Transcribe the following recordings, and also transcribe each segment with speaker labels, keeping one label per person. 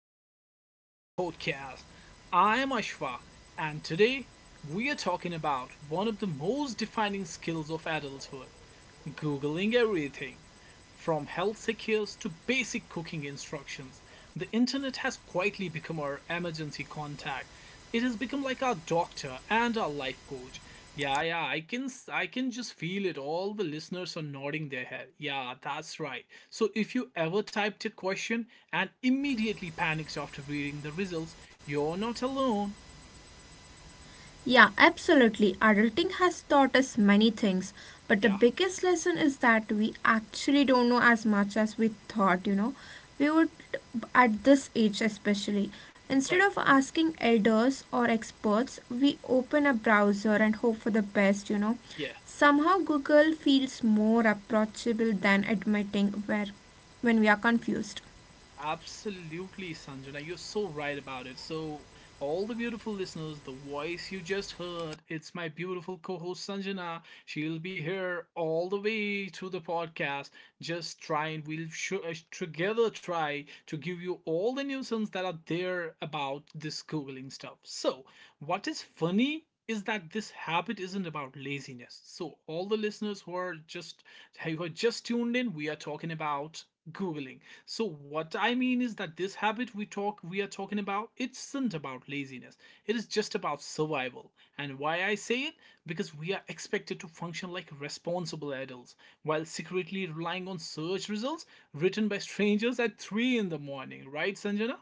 Speaker 1: welcome back to the podcast. I am Ashfaq, and today we are talking about one of the most defining skills of adulthood, Googling everything. From health secures to basic cooking instructions, the internet has quietly become our emergency contact. It has become like our doctor and our life coach. Yeah, yeah, I can just feel it. All the listeners are nodding their head. Yeah, that's right. So if you ever typed a question and immediately panicked after reading the results, you're not alone.
Speaker 2: Yeah, absolutely. Adulting has taught us many things, but the
Speaker 1: Yeah,
Speaker 2: biggest lesson is that we actually don't know as much as we thought, you know. We would, at this age especially, instead
Speaker 1: right.
Speaker 2: of asking elders or experts, we open a browser and hope for the best, you know.
Speaker 1: Yeah.
Speaker 2: Somehow, Google feels more approachable than admitting where, when we are confused.
Speaker 1: Absolutely, Sanjana. You're so right about it. So, all the beautiful listeners, the voice you just heard, it's my beautiful co host Sanjana. She'll be here all the way through the podcast. Just try and we'll together try to give you all the nuisance that are there about this Googling stuff. So, what is funny is that this habit isn't about laziness. So all the listeners who are just tuned in, we are talking about googling. So what I mean is that this habit we are talking about it isn't about laziness. It is just about survival. And why I say it, because we are expected to function like responsible adults while secretly relying on search results written by strangers at 3 in the morning, right Sanjana?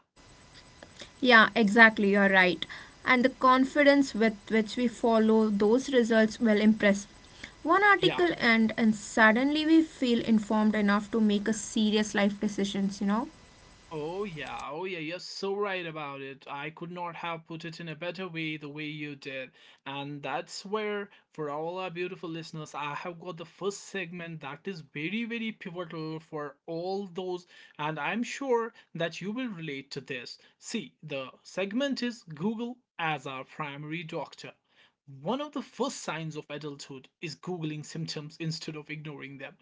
Speaker 2: Yeah, exactly. You're right. And the confidence with which we follow those results will impress. One
Speaker 1: Yeah.
Speaker 2: article and suddenly we feel informed enough to make a serious life decisions, you know?
Speaker 1: Oh yeah, oh yeah, you're so right about it. I could not have put it in a better way the way you did. And that's where, for all our beautiful listeners, I have got the first segment that is very very pivotal for all those, and I'm sure that you will relate to this. See, the segment is Google as our primary doctor. One of the first signs of adulthood is Googling symptoms instead of ignoring them.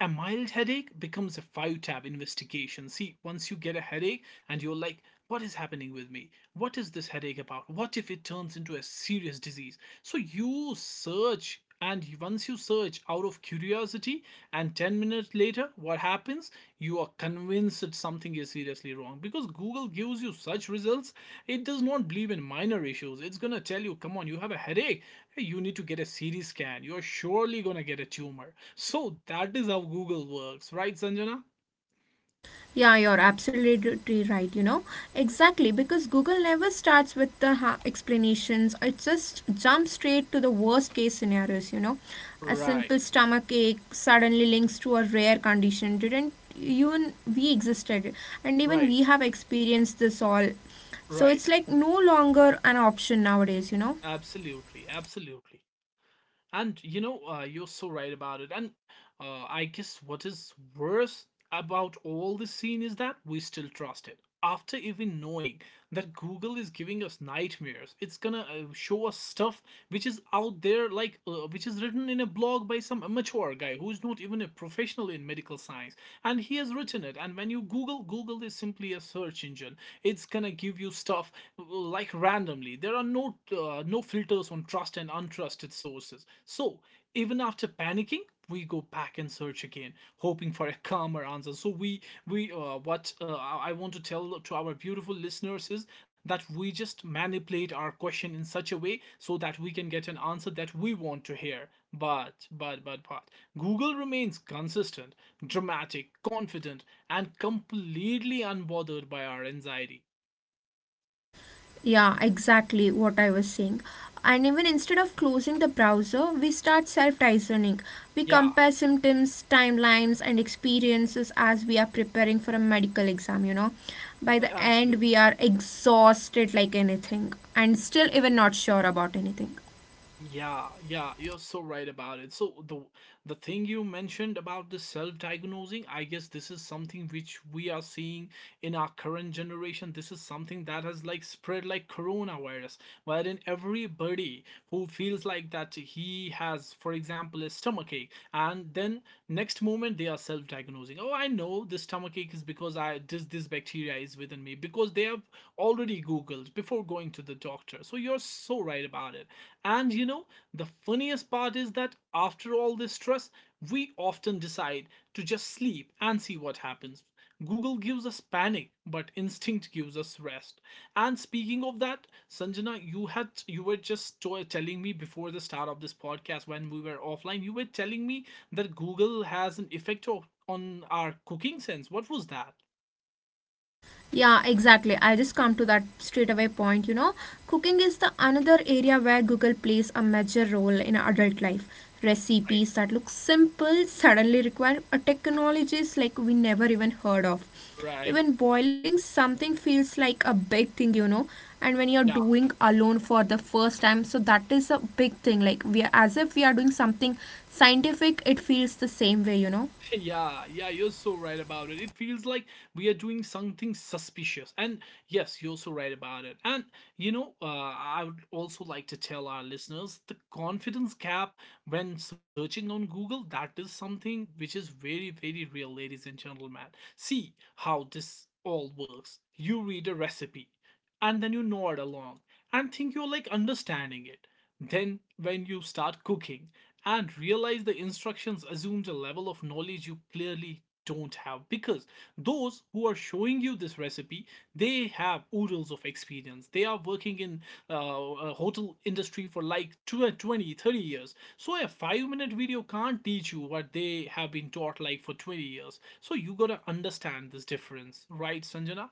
Speaker 1: A mild headache becomes a five tab investigation. See, once you get a headache and you're like, what is happening with me? What is this headache about? What if it turns into a serious disease? So you search, and once you search out of curiosity, and 10 minutes later, what happens? You are convinced that something is seriously wrong, because Google gives you such results. It does not believe in minor issues. It's gonna tell you, come on, you have a headache, hey, you need to get a CT scan, you're surely gonna get a tumor. So that is how Google works, right, Sanjana?
Speaker 2: Yeah, you're absolutely right. You know, exactly because Google never starts with the explanations, it just jumps straight to the worst case scenarios. You know, a
Speaker 1: Right,
Speaker 2: simple stomach ache suddenly links to a rare condition. Didn't even we existed, and even
Speaker 1: right,
Speaker 2: we have experienced this all. So
Speaker 1: right.
Speaker 2: it's like no longer an option nowadays, you know.
Speaker 1: Absolutely, absolutely. And you know, you're so right about it. And I guess what is worse about all this scene is that we still trust it after even knowing that Google is giving us nightmares. It's gonna show us stuff which is out there, like which is written in a blog by some amateur guy who's not even a professional in medical science, and he has written it. And when you Google, Google is simply a search engine. It's gonna give you stuff like randomly. There are no filters on trust and untrusted sources. So even after panicking, we go back and search again hoping for a calmer answer, so we what I want to tell to our beautiful listeners is that we just manipulate our question in such a way so that we can get an answer that we want to hear, but google remains consistent, dramatic, confident, and completely unbothered by our anxiety.
Speaker 2: Yeah, exactly what I was saying. And even instead of closing the browser, we start self diagnosing. We
Speaker 1: Yeah,
Speaker 2: compare symptoms, timelines, and experiences as we are preparing for a medical exam, you know. By the end,
Speaker 1: absolutely.
Speaker 2: we are exhausted like anything and still even not sure about anything.
Speaker 1: Yeah, yeah, you're so right about it. So the thing you mentioned about the self-diagnosing, I guess this is something which we are seeing in our current generation. This is something that has like spread like coronavirus, wherein everybody who feels like that he has, for example, a stomachache, and then next moment, they are self-diagnosing. Oh, I know this stomach ache is because I this this bacteria is within me, because they have already googled before going to the doctor. So you're so right about it. And you know, the funniest part is that after all this stress, we often decide to just sleep and see what happens. Google gives us panic, but instinct gives us rest. And speaking of that, Sanjana, you were just telling me before the start of this podcast, when we were offline, you were telling me that Google has an effect of, on our cooking sense. What was that?
Speaker 2: Yeah, exactly. I just come to that straight away point, you know. Cooking is the another area where Google plays a major role in adult life.
Speaker 1: Right,
Speaker 2: Recipes that look simple suddenly require a technologies like we never even heard of.
Speaker 1: right.
Speaker 2: Even boiling something feels like a big thing, you know. And when you're
Speaker 1: Yeah.
Speaker 2: doing alone for the first time, so that is a big thing. Like we are as if we are doing something scientific, it feels the same way, you know.
Speaker 1: Yeah, yeah, you're so right about it. It feels like we are doing something suspicious. And yes, you're so right about it. And you know, I would also like to tell our listeners the confidence gap when searching on Google, that is something which is very, very real, ladies and gentlemen. See how this all works. You read a recipe and then you nod along and think you're like understanding it. Then, when you start cooking and realize the instructions assumes a level of knowledge you clearly don't have, because those who are showing you this recipe, they have oodles of experience. They are working in a hotel industry for like 20 30 years, so a 5-minute video can't teach you what they have been taught like for 20 years. So you got to understand this difference, right Sanjana?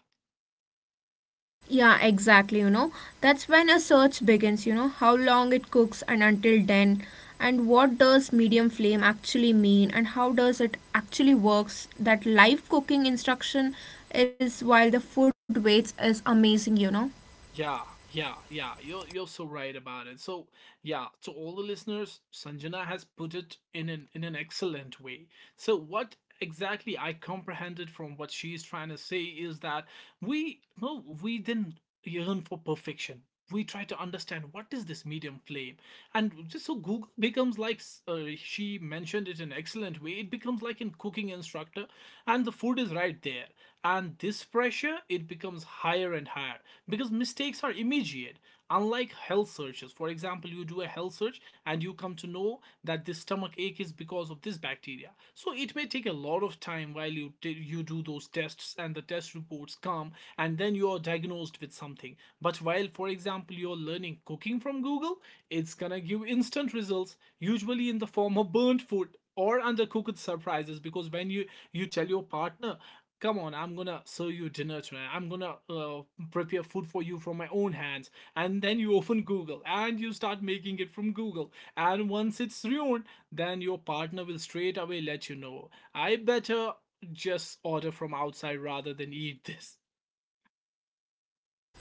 Speaker 2: Yeah, exactly. You know, that's when a search begins. You know, how long it cooks and until then, and what does medium flame actually mean, and how does it actually works. That live cooking instruction is while the food waits is amazing. You know.
Speaker 1: Yeah, yeah, yeah. You're so right about it. So yeah, to all the listeners, Sanjana has put it in an excellent way. So what exactly I comprehended from what she's trying to say is that we didn't yearn for perfection. We try to understand what is this medium flame, and just so Google becomes like, she mentioned it in an excellent way. It becomes like in cooking instructor, and the food is right there. And this pressure, it becomes higher and higher, because mistakes are immediate. Unlike health searches, for example, you do a health search and you come to know that this stomach ache is because of this bacteria. So it may take a lot of time while you do those tests and the test reports come, and then you are diagnosed with something. But while, for example, you're learning cooking from Google, it's gonna give instant results, usually in the form of burnt food or undercooked surprises, because when you tell your partner, come on, I'm gonna serve you dinner tonight, I'm gonna prepare food for you from my own hands, and then you open google and you start making it from google, and once it's ruined, then your partner will straight away let you know, I better just order from outside rather than eat this.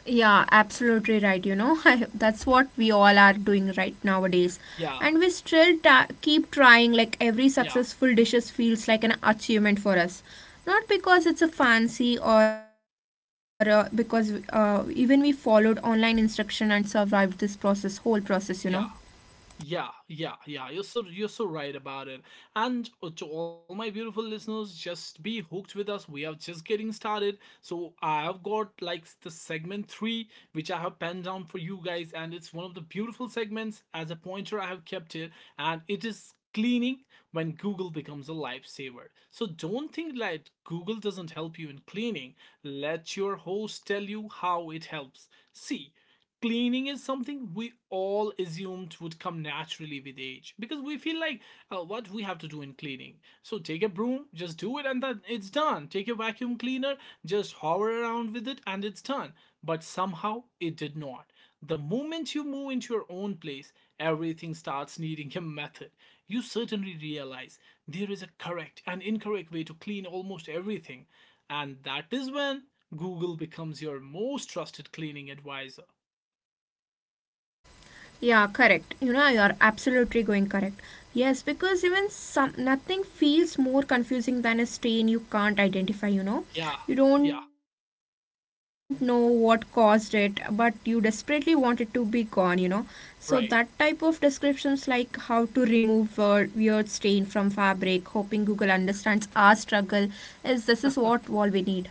Speaker 2: Yeah, absolutely right. You know, I, that's what we all are doing right nowadays.
Speaker 1: Yeah,
Speaker 2: And we still keep trying, like, every
Speaker 1: yeah,
Speaker 2: successful dishes feels like an achievement for us. Not because it's a fancy or because even we followed online instruction and survived this process, whole process, you know.
Speaker 1: yeah. Yeah, yeah, yeah. You're so right about it. And to all my beautiful listeners, just be hooked with us. We are just getting started. So I have got like the segment three, which I have penned down for you guys, and it's one of the beautiful segments. As a pointer, I have kept it, and it is cleaning, when Google becomes a lifesaver. So don't think like Google doesn't help you in cleaning. Let your host tell you how it helps. See, cleaning is something we all assumed would come naturally with age, because we feel like, what we have to do in cleaning, so take a broom, just do it, and then it's done. Take a vacuum cleaner, just hover around with it, and it's done. But somehow it did not. The moment you move into your own place, everything starts needing a method. You certainly realize there is a correct and incorrect way to clean almost everything, and that is when Google becomes your most trusted cleaning advisor.
Speaker 2: Yeah, correct. You know, you're absolutely going correct. Yes, because even some nothing feels more confusing than a stain you can't identify, you know.
Speaker 1: Yeah,
Speaker 2: You don't
Speaker 1: yeah,
Speaker 2: know what caused it, but you desperately want it to be gone, you know. So that type of
Speaker 1: right.
Speaker 2: descriptions like how to remove weird stain from fabric, hoping Google understands our struggle is this is what all we need.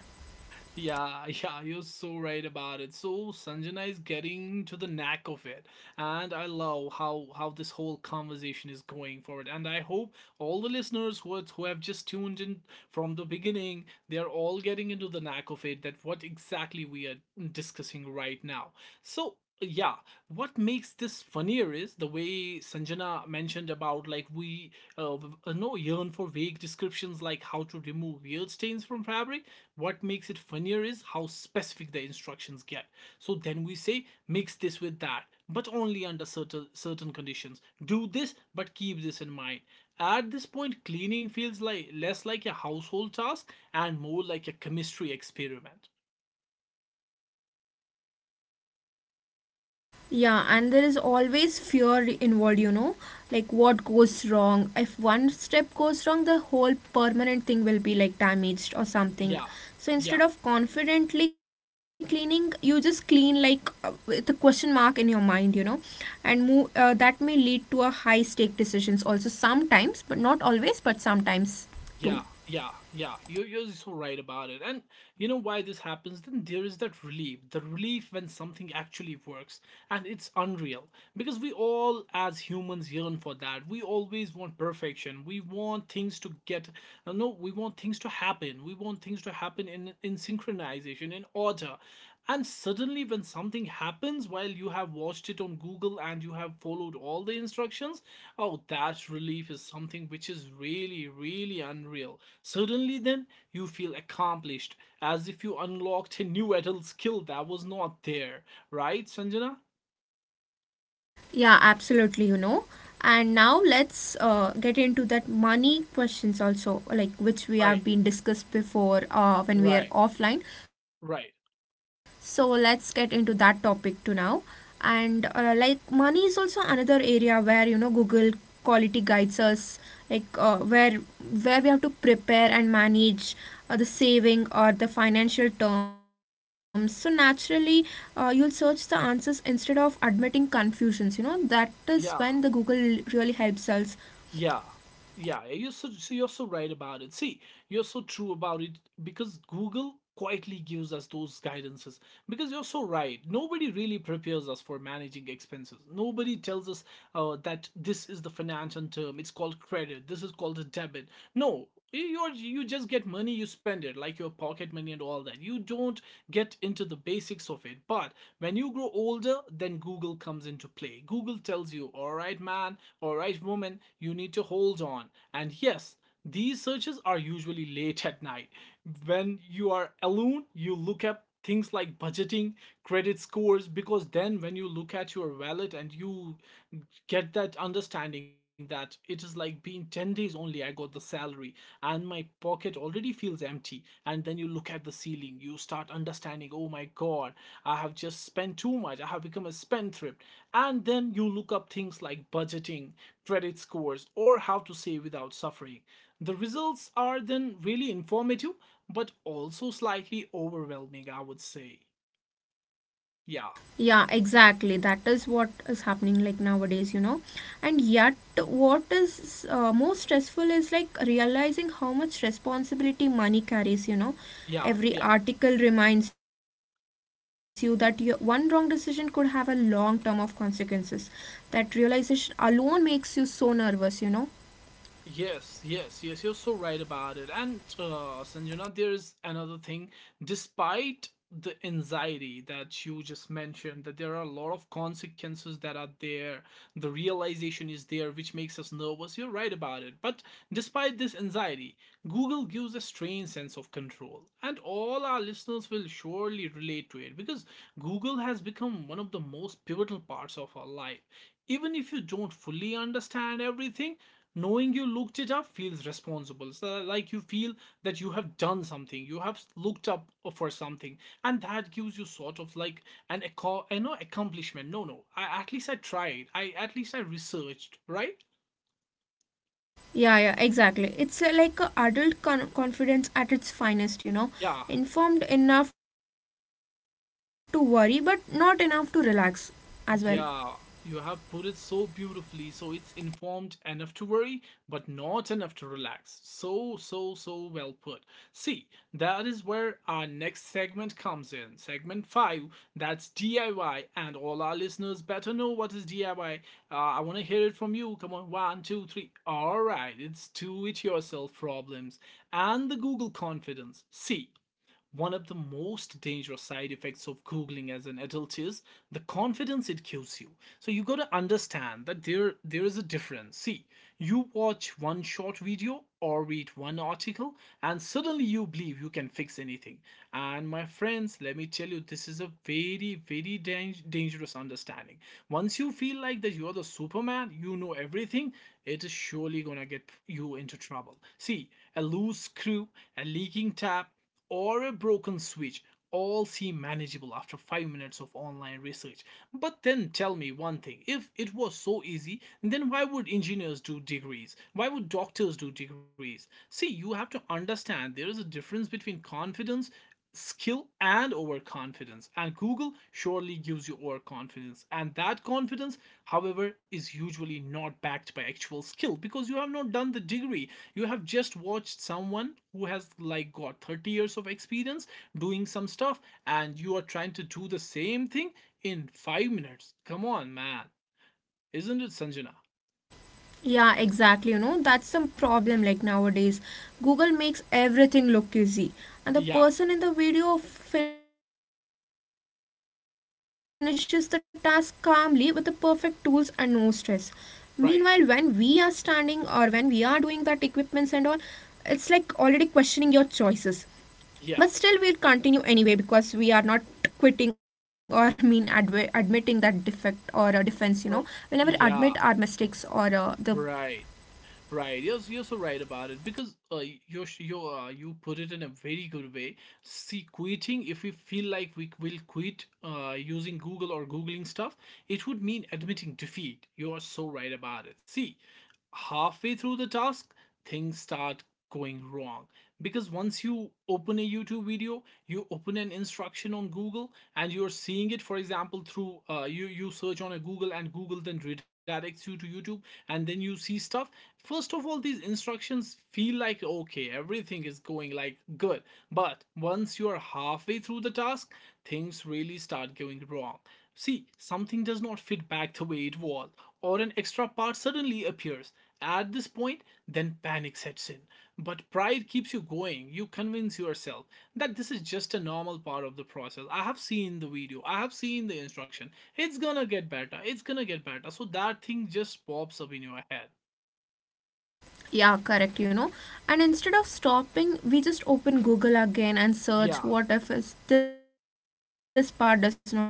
Speaker 1: Yeah, yeah, you're so right about it. So Sanjana is getting to the knack of it. And I love how this whole conversation is going forward. And I hope all the listeners who have just tuned in from the beginning, they are all getting into the knack of it, that what exactly we are discussing right now. So yeah, what makes this funnier is the way sanjana mentioned about like we no yearn for vague descriptions like how to remove weird stains from fabric. What makes it funnier is how specific the instructions get. So then we say, mix this with that, but only under certain conditions. Do this, but keep this in mind. At this point, cleaning feels like less like a household task and more like a chemistry experiment.
Speaker 2: Yeah, and there is always fear involved, you know, like what goes wrong. If one step goes wrong, the whole permanent thing will be like damaged or
Speaker 1: Yeah,
Speaker 2: something.
Speaker 1: yeah.
Speaker 2: So instead of confidently cleaning, you just clean like with a question mark in your mind, you know, and move, that may lead to a high stake decisions also sometimes, but not always, but sometimes too.
Speaker 1: Yeah, yeah, yeah. You're so right about it. And you know why this happens? Then there is that relief. The relief when something actually works, and it's unreal. Because we all, as humans, yearn for that. We always want perfection. We want things to get, no, we want things to happen. We want things to happen in, synchronization, in order. And suddenly, when something happens while you have watched it on Google and you have followed all the instructions, oh, that relief is something which is really, really unreal. Suddenly, then, you feel accomplished as if you unlocked a new adult skill that was not there. Right, Sanjana?
Speaker 2: Yeah, absolutely, you know. And now let's get into that money questions also, like which we have
Speaker 1: Right,
Speaker 2: been discussed before when we are
Speaker 1: right,
Speaker 2: offline. So
Speaker 1: right.
Speaker 2: let's get into that topic to now. And like money is also another area where you know Google quality guides us, like uh, where we have to prepare and manage the saving or the financial terms, so naturally you'll search the answers instead of admitting confusions, you know, that is when the Google
Speaker 1: Yeah.
Speaker 2: really helps us.
Speaker 1: Yeah, yeah, you're so you're so right about it. See, you're so true about it because Google quietly gives us those guidances. Because you're so right, nobody really prepares us for managing expenses. Nobody tells us that this is the financial term. It's called credit. This is called a debit. No, you just get money, you spend it like your pocket money and all that. You don't get into the basics of it, but when you grow older, then Google comes into play. Google tells you, all right man, all right woman, you need to hold on. And yes, these searches are usually late at night. When you are alone, you look up things like budgeting, credit scores, because then when you look at your wallet and you get that understanding that it is like being 10 days only, I got the salary and my pocket already feels empty. And then you look at the ceiling, you start understanding, oh my god, I have just spent too much, I have become a spendthrift. And then you look up things like budgeting, credit scores, or how to save without suffering. The results are then really informative, but also slightly overwhelming, I would say. yeah
Speaker 2: Yeah, exactly. That is what is happening like nowadays, you know. And yet, what is more stressful is like realizing how much responsibility money carries, you know.
Speaker 1: yeah
Speaker 2: Every
Speaker 1: yeah
Speaker 2: article reminds you that your one wrong decision could have a long term of consequences. That realization alone makes you so nervous, you know.
Speaker 1: Yes, yes, yes, you're so right about it. And Sanjana, there's another thing. Despite the anxiety that you just mentioned, that there are a lot of consequences that are there, the realization is there, which makes us nervous. You're right about it. But despite this anxiety, Google gives a strange sense of control. And all our listeners will surely relate to it because Google has become one of the most pivotal parts of our life. Even if you don't fully understand everything, knowing you looked it up feels responsible. So like you feel that you have done something, you have looked up for something, and that gives you sort of like an echo, you know, accomplishment. No, no, I at least I tried, I at least I researched, right?
Speaker 2: Yeah, yeah, exactly. It's like a adult confidence at its finest, you know.
Speaker 1: Yeah.
Speaker 2: Informed enough to worry, but not enough to relax as well.
Speaker 1: Yeah, you have put it so beautifully. So it's informed enough to worry, but not enough to relax. So well put. See, that is where our next segment comes in. Segment 5, that's DIY. And all our listeners better know what is DIY. I want to hear it from you. Come on, one, two, three. All right, it's do it yourself problems and the Google confidence. See, one of the most dangerous side effects of Googling as an adult is the confidence it gives you. So you gotta understand that there is a difference. See, you watch one short video or read one article and suddenly you believe you can fix anything. And my friends, let me tell you, this is a very, very dangerous understanding. Once you feel like that you're the Superman, you know everything, it is surely gonna get you into trouble. See, a loose screw, a leaking tap, or a broken switch all seem manageable after 5 minutes of online research. But then tell me one thing, if it was so easy, then why would engineers do degrees? Why would doctors do degrees? See, you have to understand there is a difference between confidence, skill, and overconfidence. And Google surely gives you overconfidence, and that confidence, however, is usually not backed by actual skill, because you have not done the degree. You have just watched someone who has like got 30 years of experience doing some stuff, and you are trying to do the same thing in 5 minutes. Come on, man. Isn't it, Sanjana?
Speaker 2: Yeah, exactly. You know, that's some problem like nowadays. Google makes everything look easy, and the
Speaker 1: Yeah,
Speaker 2: person in the video finishes the task calmly with the perfect tools and no stress. Meanwhile, when we are standing or when we are
Speaker 1: right,
Speaker 2: doing that equipments and all, it's like already questioning your choices. But still, we'll continue anyway
Speaker 1: yeah.
Speaker 2: because we are not quitting or mean admitting that defect or defense, you know, we'll never admit our
Speaker 1: So-
Speaker 2: mistakes or
Speaker 1: yeah,
Speaker 2: the—
Speaker 1: right. Right, you're so right about it because you put it in a very good way. See, quitting, if we feel like we will quit using Google or googling stuff, it would mean admitting defeat. You are so right about it. See, halfway through the task, things start going wrong. Because once you open a YouTube video, you open an instruction on Google and you're seeing it, for example, through you search on a Google and Google then redirects you to YouTube, and then you see stuff. First of all, these instructions feel like, okay, everything is going like good. But once you are halfway through the task, things really start going wrong. See, something does not fit back the way it was, or an extra part suddenly appears. At this point, then panic sets in, but pride keeps you going. You convince yourself that this is just a normal part of the process. I have seen the video, I have seen the instruction. It's gonna get better, it's gonna get better. So that thing just pops up in your head.
Speaker 2: Yeah, correct, you know. And instead of stopping, we just open Google again and search,
Speaker 1: Yeah.
Speaker 2: what if is, this part does not fit back?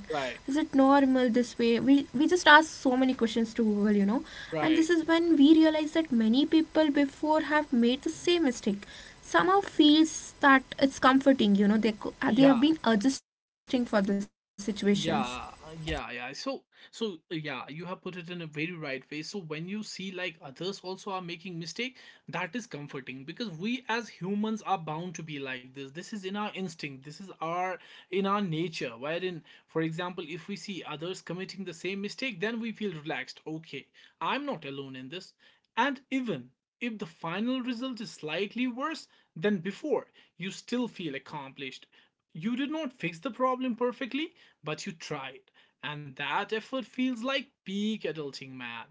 Speaker 2: Is it
Speaker 1: Right,
Speaker 2: normal this way? We just ask so many questions to Google, you know. And
Speaker 1: right.
Speaker 2: this is when we realize that many people before have made the same mistake. Somehow feels that it's comforting, you know.
Speaker 1: Yeah.
Speaker 2: They have been adjusting for the situations.
Speaker 1: Yeah, yeah, yeah. So, so yeah, you have put it in a very right way. So when you see like others also are making mistake, that is comforting because we as humans are bound to be like this. This is in our instinct. This is our in our nature. Wherein, for example, if we see others committing the same mistake, then we feel relaxed. Okay, I'm not alone in this. And even if the final result is slightly worse than before, you still feel accomplished. You did not fix the problem perfectly, but you tried. And that effort feels like peak adulting, man.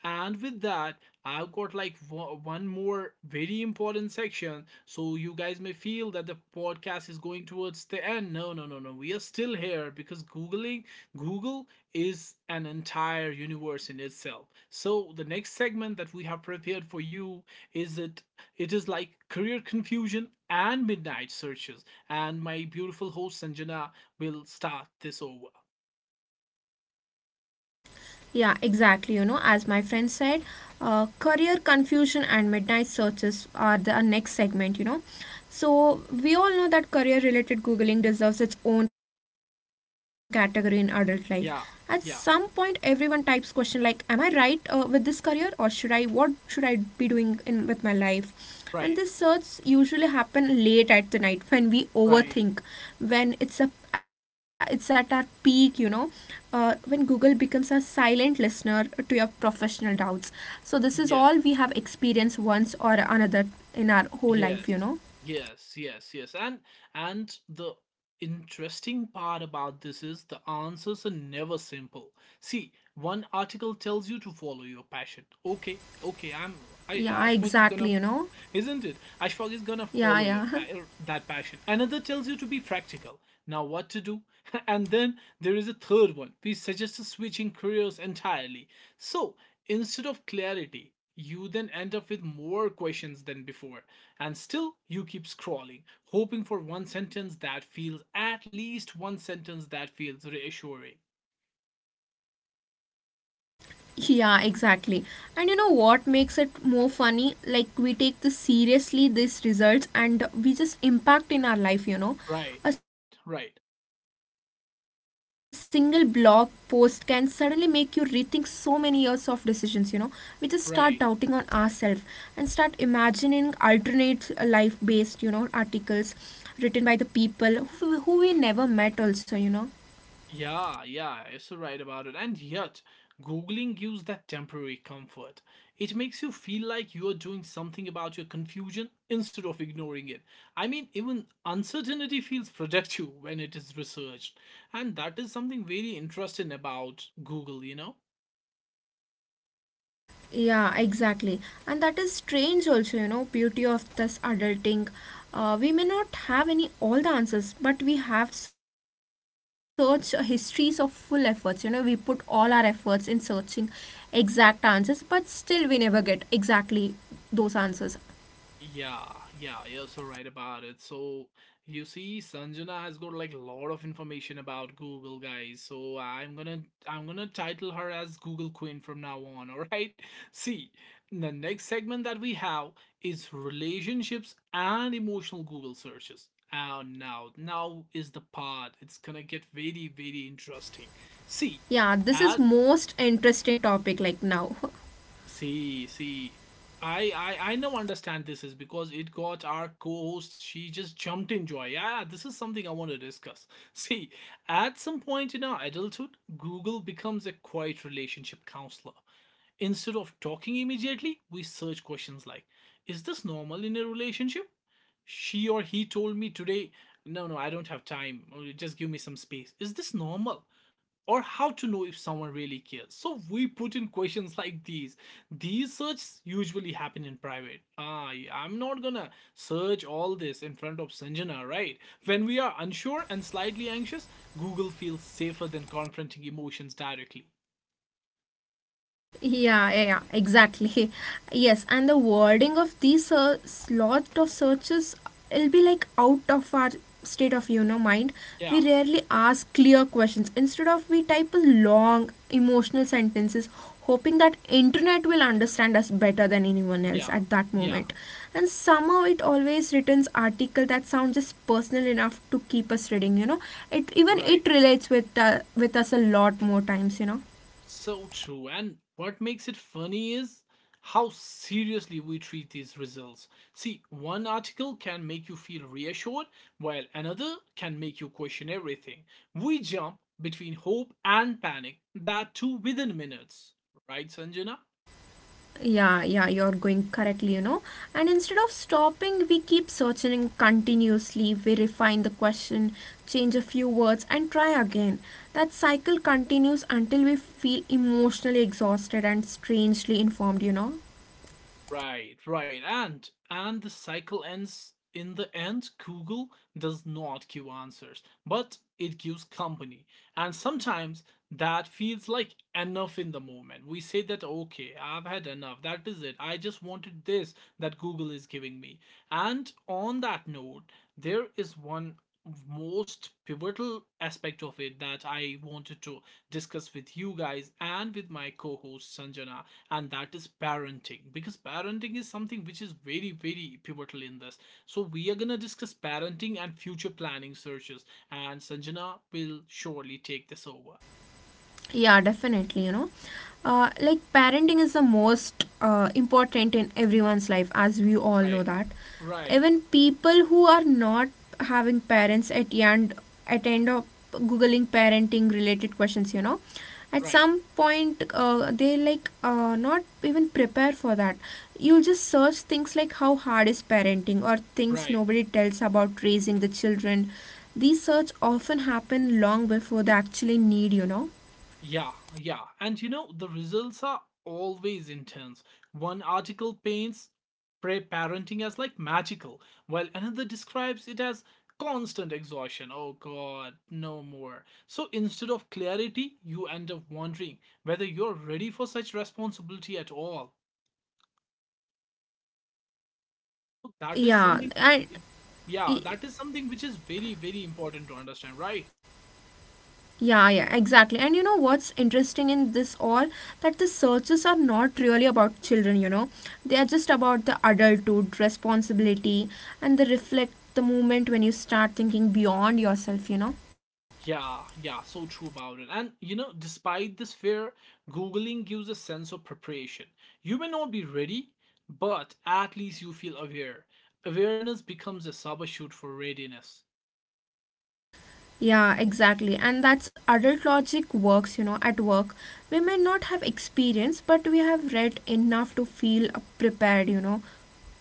Speaker 1: And with that, I've got like one more very important section. So you guys may feel that the podcast is going towards the end. No, no, no, no. We are still here because Googling Google is an entire universe in itself. So the next segment that we have prepared for you is it it is like career confusion and midnight searches, and my beautiful host Sanjana will start this over.
Speaker 2: Yeah, exactly. You know, as my friend said, career confusion and midnight searches are the next segment, you know. So, we all know that career related Googling deserves its own category in adult life. At some
Speaker 1: Yeah,
Speaker 2: point,
Speaker 1: yeah,
Speaker 2: everyone types question like, "Am I right with this career, or should I? What should I be doing in with my life?" And
Speaker 1: right,
Speaker 2: these searches usually happen late at the night when we
Speaker 1: right.
Speaker 2: overthink, when it's at our peak, you know, when Google becomes a silent listener to your professional doubts. So this is
Speaker 1: Yes,
Speaker 2: all we have experienced once or another in our whole life, you
Speaker 1: yes,
Speaker 2: know.
Speaker 1: yes, yes, yes. And the interesting part about this is the answers are never simple. See, one article tells you to follow your passion. Okay, okay, I,
Speaker 2: Yeah,
Speaker 1: Ashfaq, is gonna—
Speaker 2: exactly, you know.
Speaker 1: isn't it? Ashfaq is gonna
Speaker 2: Yeah,
Speaker 1: follow your
Speaker 2: yeah.
Speaker 1: that passion. Another tells you to be practical. Now what to do? And then there is a third one. We suggest switching careers entirely. So instead of clarity, you then end up with more questions than before. And still you keep scrolling, hoping for one sentence that feels— at least one sentence that feels reassuring.
Speaker 2: Yeah, exactly. And you know what makes it more funny? Like we take this seriously these results and we just impact in our life, you know.
Speaker 1: Right,
Speaker 2: A
Speaker 1: right,
Speaker 2: single blog post can suddenly make you rethink so many years of decisions, you know. We just start doubting on ourselves and start
Speaker 1: right.
Speaker 2: imagining alternate life based, you know, articles written by the people who we never met also, you know.
Speaker 1: Yeah, yeah, you're so right about it. And yet, Googling gives that temporary comfort. It makes you feel like you are doing something about your confusion instead of ignoring it. I mean, even uncertainty feels productive when it is researched. And that is something very interesting about Google, you know?
Speaker 2: Yeah, exactly. And that is strange also, you know, beauty of this adulting. We may not have any all the answers, but we have search histories of full efforts. You know, we put all our efforts in searching exact answers, but still we never get exactly those answers.
Speaker 1: Yeah, yeah, you're so right about it. So you see, Sanjana has got like a lot of information about Google, guys. So I'm gonna title her as Google Queen from now on, all right? See, the next segment that we have is relationships and emotional Google searches. And now is the part. It's gonna get very, very interesting. See,
Speaker 2: Yeah, this is
Speaker 1: as
Speaker 2: most interesting topic like now.
Speaker 1: see, see, I now understand this is because it got our co-host. She just jumped in joy. Yeah, this is something I want to discuss. See, at some point in our adulthood, Google becomes a quiet relationship counselor. Instead of talking immediately, we search questions like, "Is this normal in a relationship?" She or he told me today, "No, no, I don't have time. Just give me some space." Is this normal? Or how to know if someone really cares. So we put in questions like these. These searches usually happen in private. Ah, yeah, I'm not gonna search all this in front of Sanjana, right? When we are unsure and slightly anxious, Google feels safer than confronting emotions directly.
Speaker 2: Yeah, yeah, yeah, exactly. Yes, and the wording of these lot of searches, it'll be like out of our state of you know mind.
Speaker 1: Yeah,
Speaker 2: We rarely ask clear questions. Instead of we type a long emotional sentences, hoping that internet will understand us better than anyone else
Speaker 1: yeah,
Speaker 2: at that
Speaker 1: yeah,
Speaker 2: moment. And somehow it always returns article that sound just personal enough to keep us reading. You know, it even
Speaker 1: right.
Speaker 2: it relates with us a lot more times. You know.
Speaker 1: So true. And what makes it funny is how seriously we treat these results. See, one article can make you feel reassured, while another can make you question everything. We jump between hope and panic, that too within minutes. Right, Sanjana?
Speaker 2: Yeah, yeah, you're going correctly, you know. And instead of stopping we keep searching continuously, we refine the question, change a few words and try again. That cycle continues until we feel emotionally exhausted and strangely informed, you know.
Speaker 1: Right, right. And the cycle ends. In the end, Google does not give answers, but it gives company. And sometimes that feels like enough in the moment. We say that, okay, I've had enough. That is it. I just wanted this that Google is giving me. And on that note, there is one most pivotal aspect of it that I wanted to discuss with you guys and with my co-host Sanjana, and that is parenting, because parenting is something which is very very pivotal in this. So we are going to discuss parenting and future planning searches, and sanjana will surely take this over.
Speaker 2: Yeah, definitely. You know, like parenting is the most important in everyone's life, as we all know
Speaker 1: Right,
Speaker 2: that.
Speaker 1: right,
Speaker 2: Even people who are not having parents at end of googling parenting related questions, you know, at
Speaker 1: right,
Speaker 2: some point they like not even prepare for that. You'll just search things like how hard is parenting or things
Speaker 1: right.
Speaker 2: nobody tells about raising the children. These search often happen long before they actually need, you know.
Speaker 1: Yeah, yeah. And you know, the results are always intense. One article paints pre parenting as like magical, while another describes it as constant exhaustion. Oh god, no more. So instead of clarity, you end up wondering whether you're ready for such responsibility at all. So, that is
Speaker 2: Yeah,
Speaker 1: something,
Speaker 2: and
Speaker 1: it- yeah,
Speaker 2: y-
Speaker 1: that is something which is very, very important to understand, right?
Speaker 2: yeah, yeah, exactly. And you know what's interesting in this all that the searches are not really about children, you know. They are just about the adulthood, responsibility, and they reflect the moment when you start thinking beyond yourself, you know.
Speaker 1: Yeah, yeah, so true about it. And you know, despite this fear, Googling gives a sense of preparation. You may not be ready, but at least you feel aware. Awareness becomes a substitute for readiness.
Speaker 2: Yeah, exactly. And that's adult logic works, you know, at work. We may not have experience, but we have read enough to feel prepared, you know.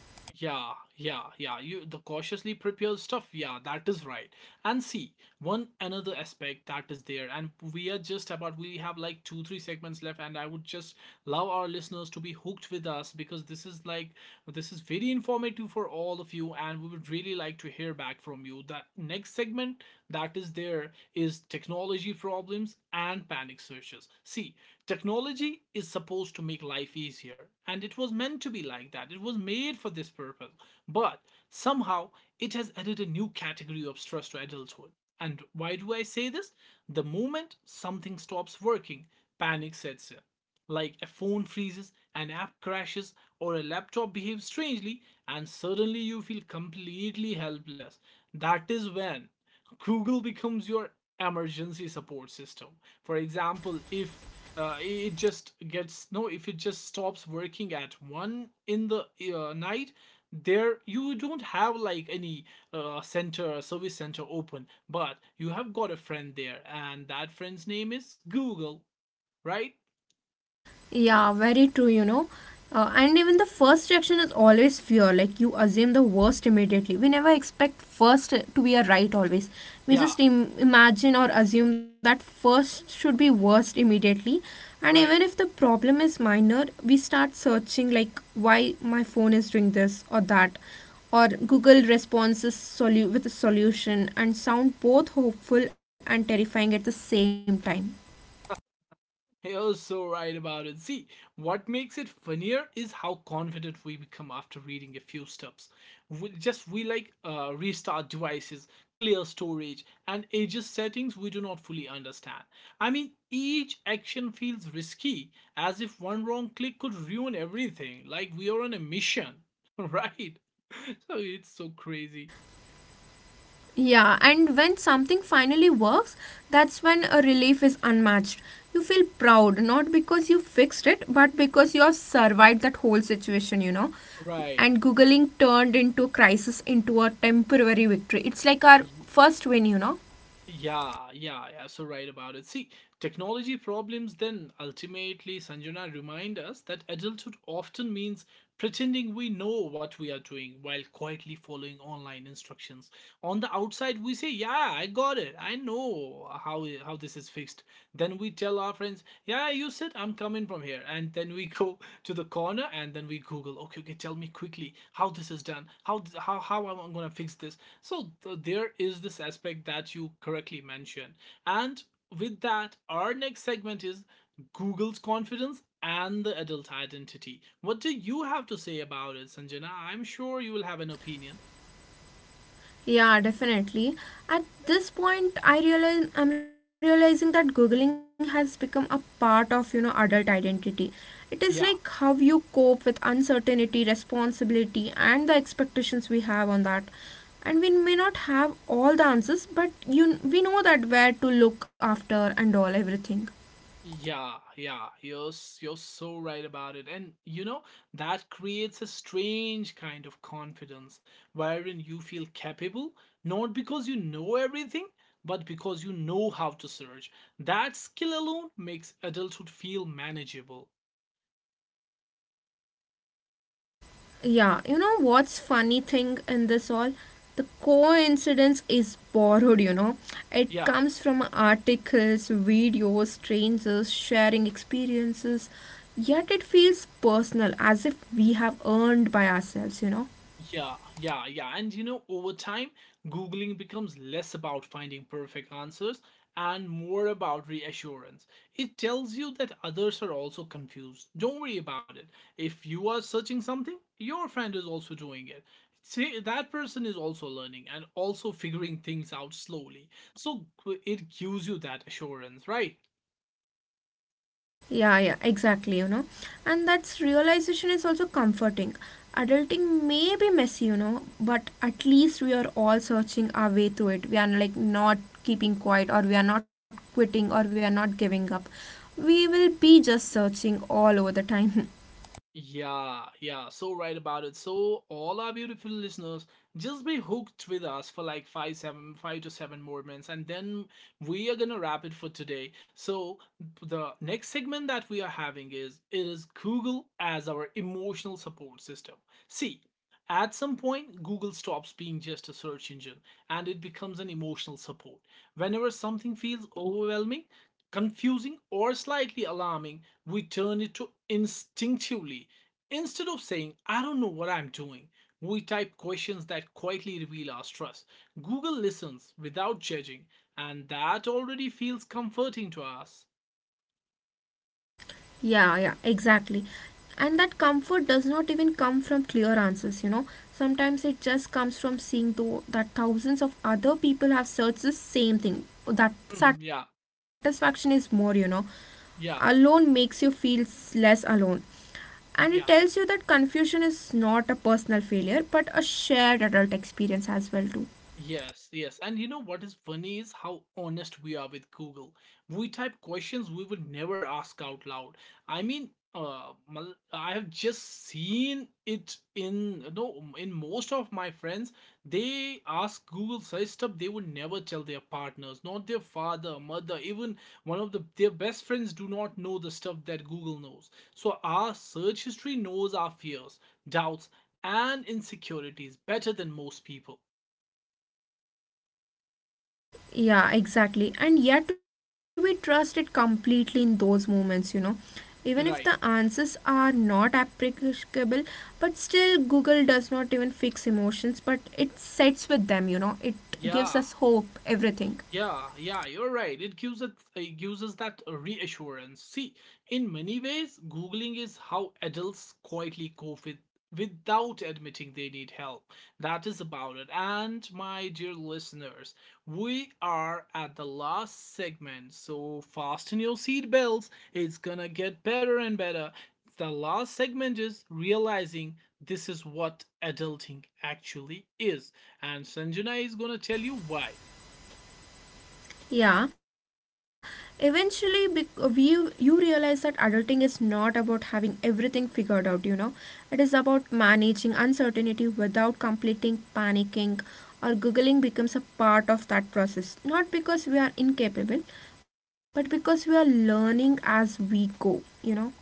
Speaker 1: Yeah, yeah, yeah. You the cautiously prepared stuff. Yeah, that is right. And see, one another aspect that is there, and we are just about we have like 2 3 segments left, and I would just love our listeners to be hooked with us because this is very informative for all of you, and we would really like to hear back from you. That next segment that is there here is technology problems and panic searches. See, technology is supposed to make life easier, and it was meant to be like that. It was made for this purpose. But somehow, it has added a new category of stress to adulthood. And why do I say this? The moment something stops working, panic sets in. Like a phone freezes, an app crashes, or a laptop behaves strangely, and suddenly you feel completely helpless. That is when Google becomes your emergency support system. For example, if it just gets no, if it just stops working at one in the night, there you don't have like any center service center open, but you have got a friend there, and that friend's name is Google, right?
Speaker 2: Yeah, very true, you know. And even the first reaction is always fear. Like you assume the worst immediately. We never expect first to be a right always. We
Speaker 1: Yeah,
Speaker 2: just imagine or assume that first should be worst immediately. And even if
Speaker 1: right.
Speaker 2: the problem is minor, we start searching like why my phone is doing this or that, or Google responses with a solution and sound both hopeful and terrifying at the same time.
Speaker 1: You're so right about it. See, what makes it funnier is how confident we become after reading a few steps. We like restart devices, clear storage, and ages settings we do not fully understand. I mean, each action feels risky, as if one wrong click could ruin everything. Like we are on a mission, right? So it's so crazy,
Speaker 2: Yeah, and when something finally works, that's when a relief is unmatched. You feel proud, not because you fixed it, but because you have survived that whole situation, you know.
Speaker 1: right?
Speaker 2: And Googling turned into crisis into a temporary victory. It's like our first win, you know.
Speaker 1: Yeah, yeah, yeah. So right about it. See, technology problems then ultimately, Sanjana, remind us that adulthood often means pretending we know what we are doing while quietly following online instructions. On the outside, we say, "Yeah, I got it. I know how how this is fixed." Then we tell our friends, "Yeah, you said I'm coming from here," and then we go to the corner and then we Google, "Okay, okay, tell me quickly how this is done. How how am I gonna fix this?" So there is this aspect that you correctly mentioned. And with that, our next segment is Google's confidence and the adult identity. What do you have to say about it, Sanjana? I'm sure you will have an opinion.
Speaker 2: Yeah, definitely. At this point, I realize I'm realizing that googling has become a part of you know adult identity. It is like
Speaker 1: Yeah.
Speaker 2: how you cope with uncertainty, responsibility, and the expectations we have on that. And we may not have all the answers, but you we know that where to look after and all everything.
Speaker 1: Yeah, yeah, you're you're so right about it. And you know, that creates a strange kind of confidence wherein you feel capable, not because you know everything, but because you know how to surge. That skill alone makes adulthood feel manageable.
Speaker 2: Yeah, you know what's funny thing in this all? The coincidence is borrowed, you know. It
Speaker 1: Yeah.
Speaker 2: comes from articles, videos, strangers sharing experiences, yet it feels personal as if we have earned by ourselves, you know.
Speaker 1: Yeah, yeah, yeah. And you know, over time, Googling becomes less about finding perfect answers and more about reassurance. It tells you that others are also confused. Don't worry about it. If you are searching something, your friend is also doing it. See, that person is also learning and also figuring things out slowly. So it gives you that assurance, right?
Speaker 2: Yeah, yeah, exactly, you know. And that's realization is also comforting. Adulting may be messy, you know, but at least we are all searching our way through it. We are like not keeping quiet or we are not quitting or we are not giving up. We will be just searching all over the time.
Speaker 1: Yeah, yeah, so right about it. So, all our beautiful listeners, just be hooked with us for like five, seven, five to seven more minutes, and then we are gonna wrap it for today. So, the next segment that we are having is Google as our emotional support system. See, at some point, Google stops being just a search engine and it becomes an emotional support. Whenever something feels overwhelming, confusing, or slightly alarming, we turn it to instinctively. Instead of saying, I don't know what I'm doing, we type questions that quietly reveal our stress. Google listens without judging, and that already feels comforting to us.
Speaker 2: Yeah, yeah, exactly. And that comfort does not even come from clear answers, you know. Sometimes it just comes from seeing though that thousands of other people have searched the same thing. That
Speaker 1: yeah,
Speaker 2: satisfaction is more, you know. Alone
Speaker 1: yeah,
Speaker 2: makes you feel less alone. And it
Speaker 1: yeah.
Speaker 2: tells you that confusion is not a personal failure, but a shared adult experience as well too.
Speaker 1: Yes, yes. And you know what is funny is how honest we are with Google. We type questions we would never ask out loud. I mean, I have just seen it in you know, in most of my friends. They ask Google such stuff they would never tell their partners, not their father, mother, even one of the their best friends do not know the stuff that Google knows. So our search history knows our fears, doubts, and insecurities better than most people.
Speaker 2: Yeah, exactly. And yet we trust it completely in those moments, you know. Even
Speaker 1: Right.
Speaker 2: if the answers are not applicable, but still, Google does not even fix emotions, but it sets with them, you know. It
Speaker 1: Yeah,
Speaker 2: gives us hope,
Speaker 1: yeah,
Speaker 2: everything.
Speaker 1: yeah, you're right. It gives us that reassurance. See, in many ways, Googling is how adults quietly cope with without admitting they need help. That is about it. And my dear listeners, we are at the last segment, so fasten your seatbelts. It's gonna get better and better. The last segment is realizing this is what adulting actually is. And Sanjana is gonna tell you why.
Speaker 2: Yeah, eventually you realize that adulting is not about having everything figured out, you know. It is about managing uncertainty without completing panicking or googling becomes a part of that process. Not because we are incapable, but because we are learning as we go, you know.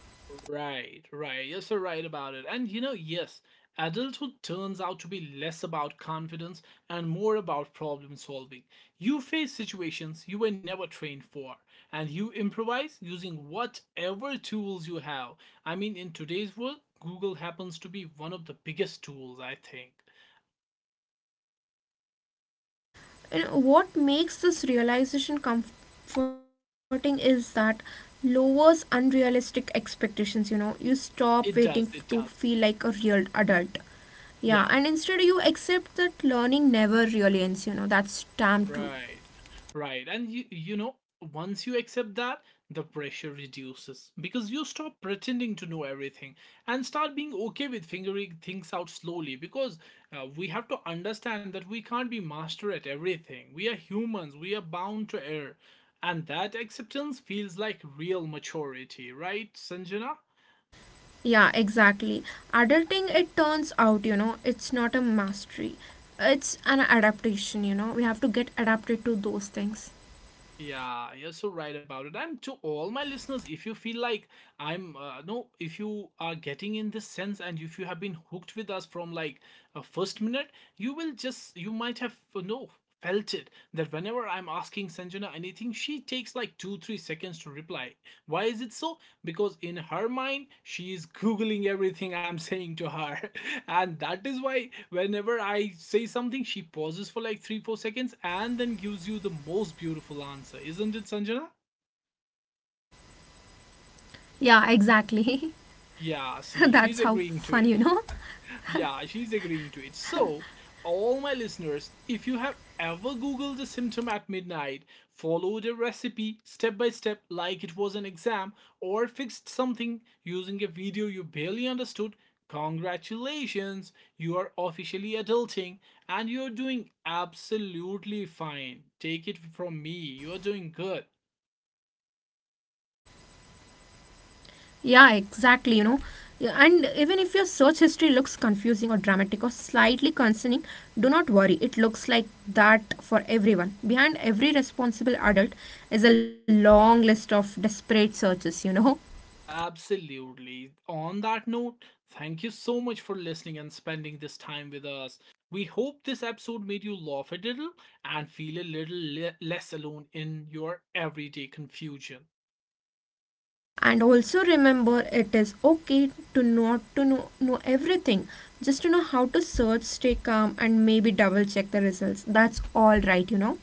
Speaker 1: Right, right. You're so right about it. And you know, yes, adulthood turns out to be less about confidence and more about problem solving. You face situations you were never trained for, and you improvise using whatever tools you have. I mean, in today's world, Google happens to be one of the biggest tools, I think.
Speaker 2: You what makes this realization comforting is that lowers unrealistic expectations, you know, you stop
Speaker 1: It does,
Speaker 2: waiting
Speaker 1: it
Speaker 2: to
Speaker 1: does.
Speaker 2: feel like a real adult.
Speaker 1: Yeah.
Speaker 2: Yeah, and instead you accept that learning never really ends, you know, that's damn true.
Speaker 1: Right, right. And you know, once you accept that, the pressure reduces because you stop pretending to know everything and start being okay with figuring things out slowly, because we have to understand that we can't be master at everything. We are humans, we are bound to err. And that acceptance feels like real maturity, right, Sanjana?
Speaker 2: Yeah, exactly, adulting it turns out, you know, it's not a mastery, it's an adaptation, you know, we have to get adapted to those things.
Speaker 1: Yeah, you're so right about it. And to all my listeners, if you feel like I'm no. If you are getting in this sense, and if you have been hooked with us from like a first minute, you will just you might have no felt it that whenever I'm asking Sanjana anything, she takes like 2 3 seconds to reply. Why is it so? Because in her mind, she is googling everything I'm saying to her, and that is why whenever I say something, she pauses for like 3 4 seconds and then gives you the most beautiful answer, isn't it, Sanjana?
Speaker 2: Yeah, exactly. That's how
Speaker 1: Yeah, see,
Speaker 2: fun,
Speaker 1: she's
Speaker 2: you know.
Speaker 1: agreeing to it. Yeah, she's agreeing to it. So, all my listeners, if you have ever Googled a symptom at midnight, followed a recipe step by step like it was an exam, or fixed something using a video you barely understood, congratulations, you are officially adulting and you're doing absolutely fine. Take it from me, you're doing good.
Speaker 2: Yeah, exactly. You know, yeah, and even if your search history looks confusing or dramatic or slightly concerning, do not worry. It looks like that for everyone. Behind every responsible adult is a long list of desperate searches, you know.
Speaker 1: Absolutely. On that note, thank you so much for listening and spending this time with us. We hope this episode made you laugh a little and feel a little less alone in your everyday confusion.
Speaker 2: And also remember, it is okay to not to know everything. Just to know how to search, stay calm, and maybe double check the results. That's all right, you know.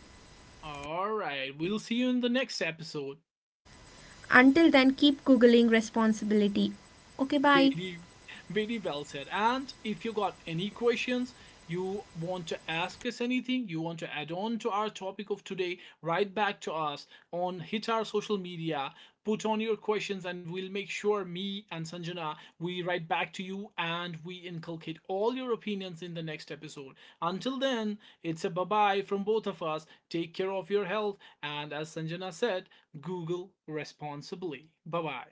Speaker 1: All right, we'll see you in the next episode.
Speaker 2: Until then, keep Googling responsibility. Okay, bye.
Speaker 1: Very, very well said. And if you got any questions, you want to ask us anything, you want to add on to our topic of today, write back to us on hit our social media, put on your questions, and we'll make sure me and Sanjana we write back to you and we inculcate all your opinions in the next episode. Until then, it's a bye bye from both of us. Take care of your health, and as Sanjana said, Google responsibly. Bye bye.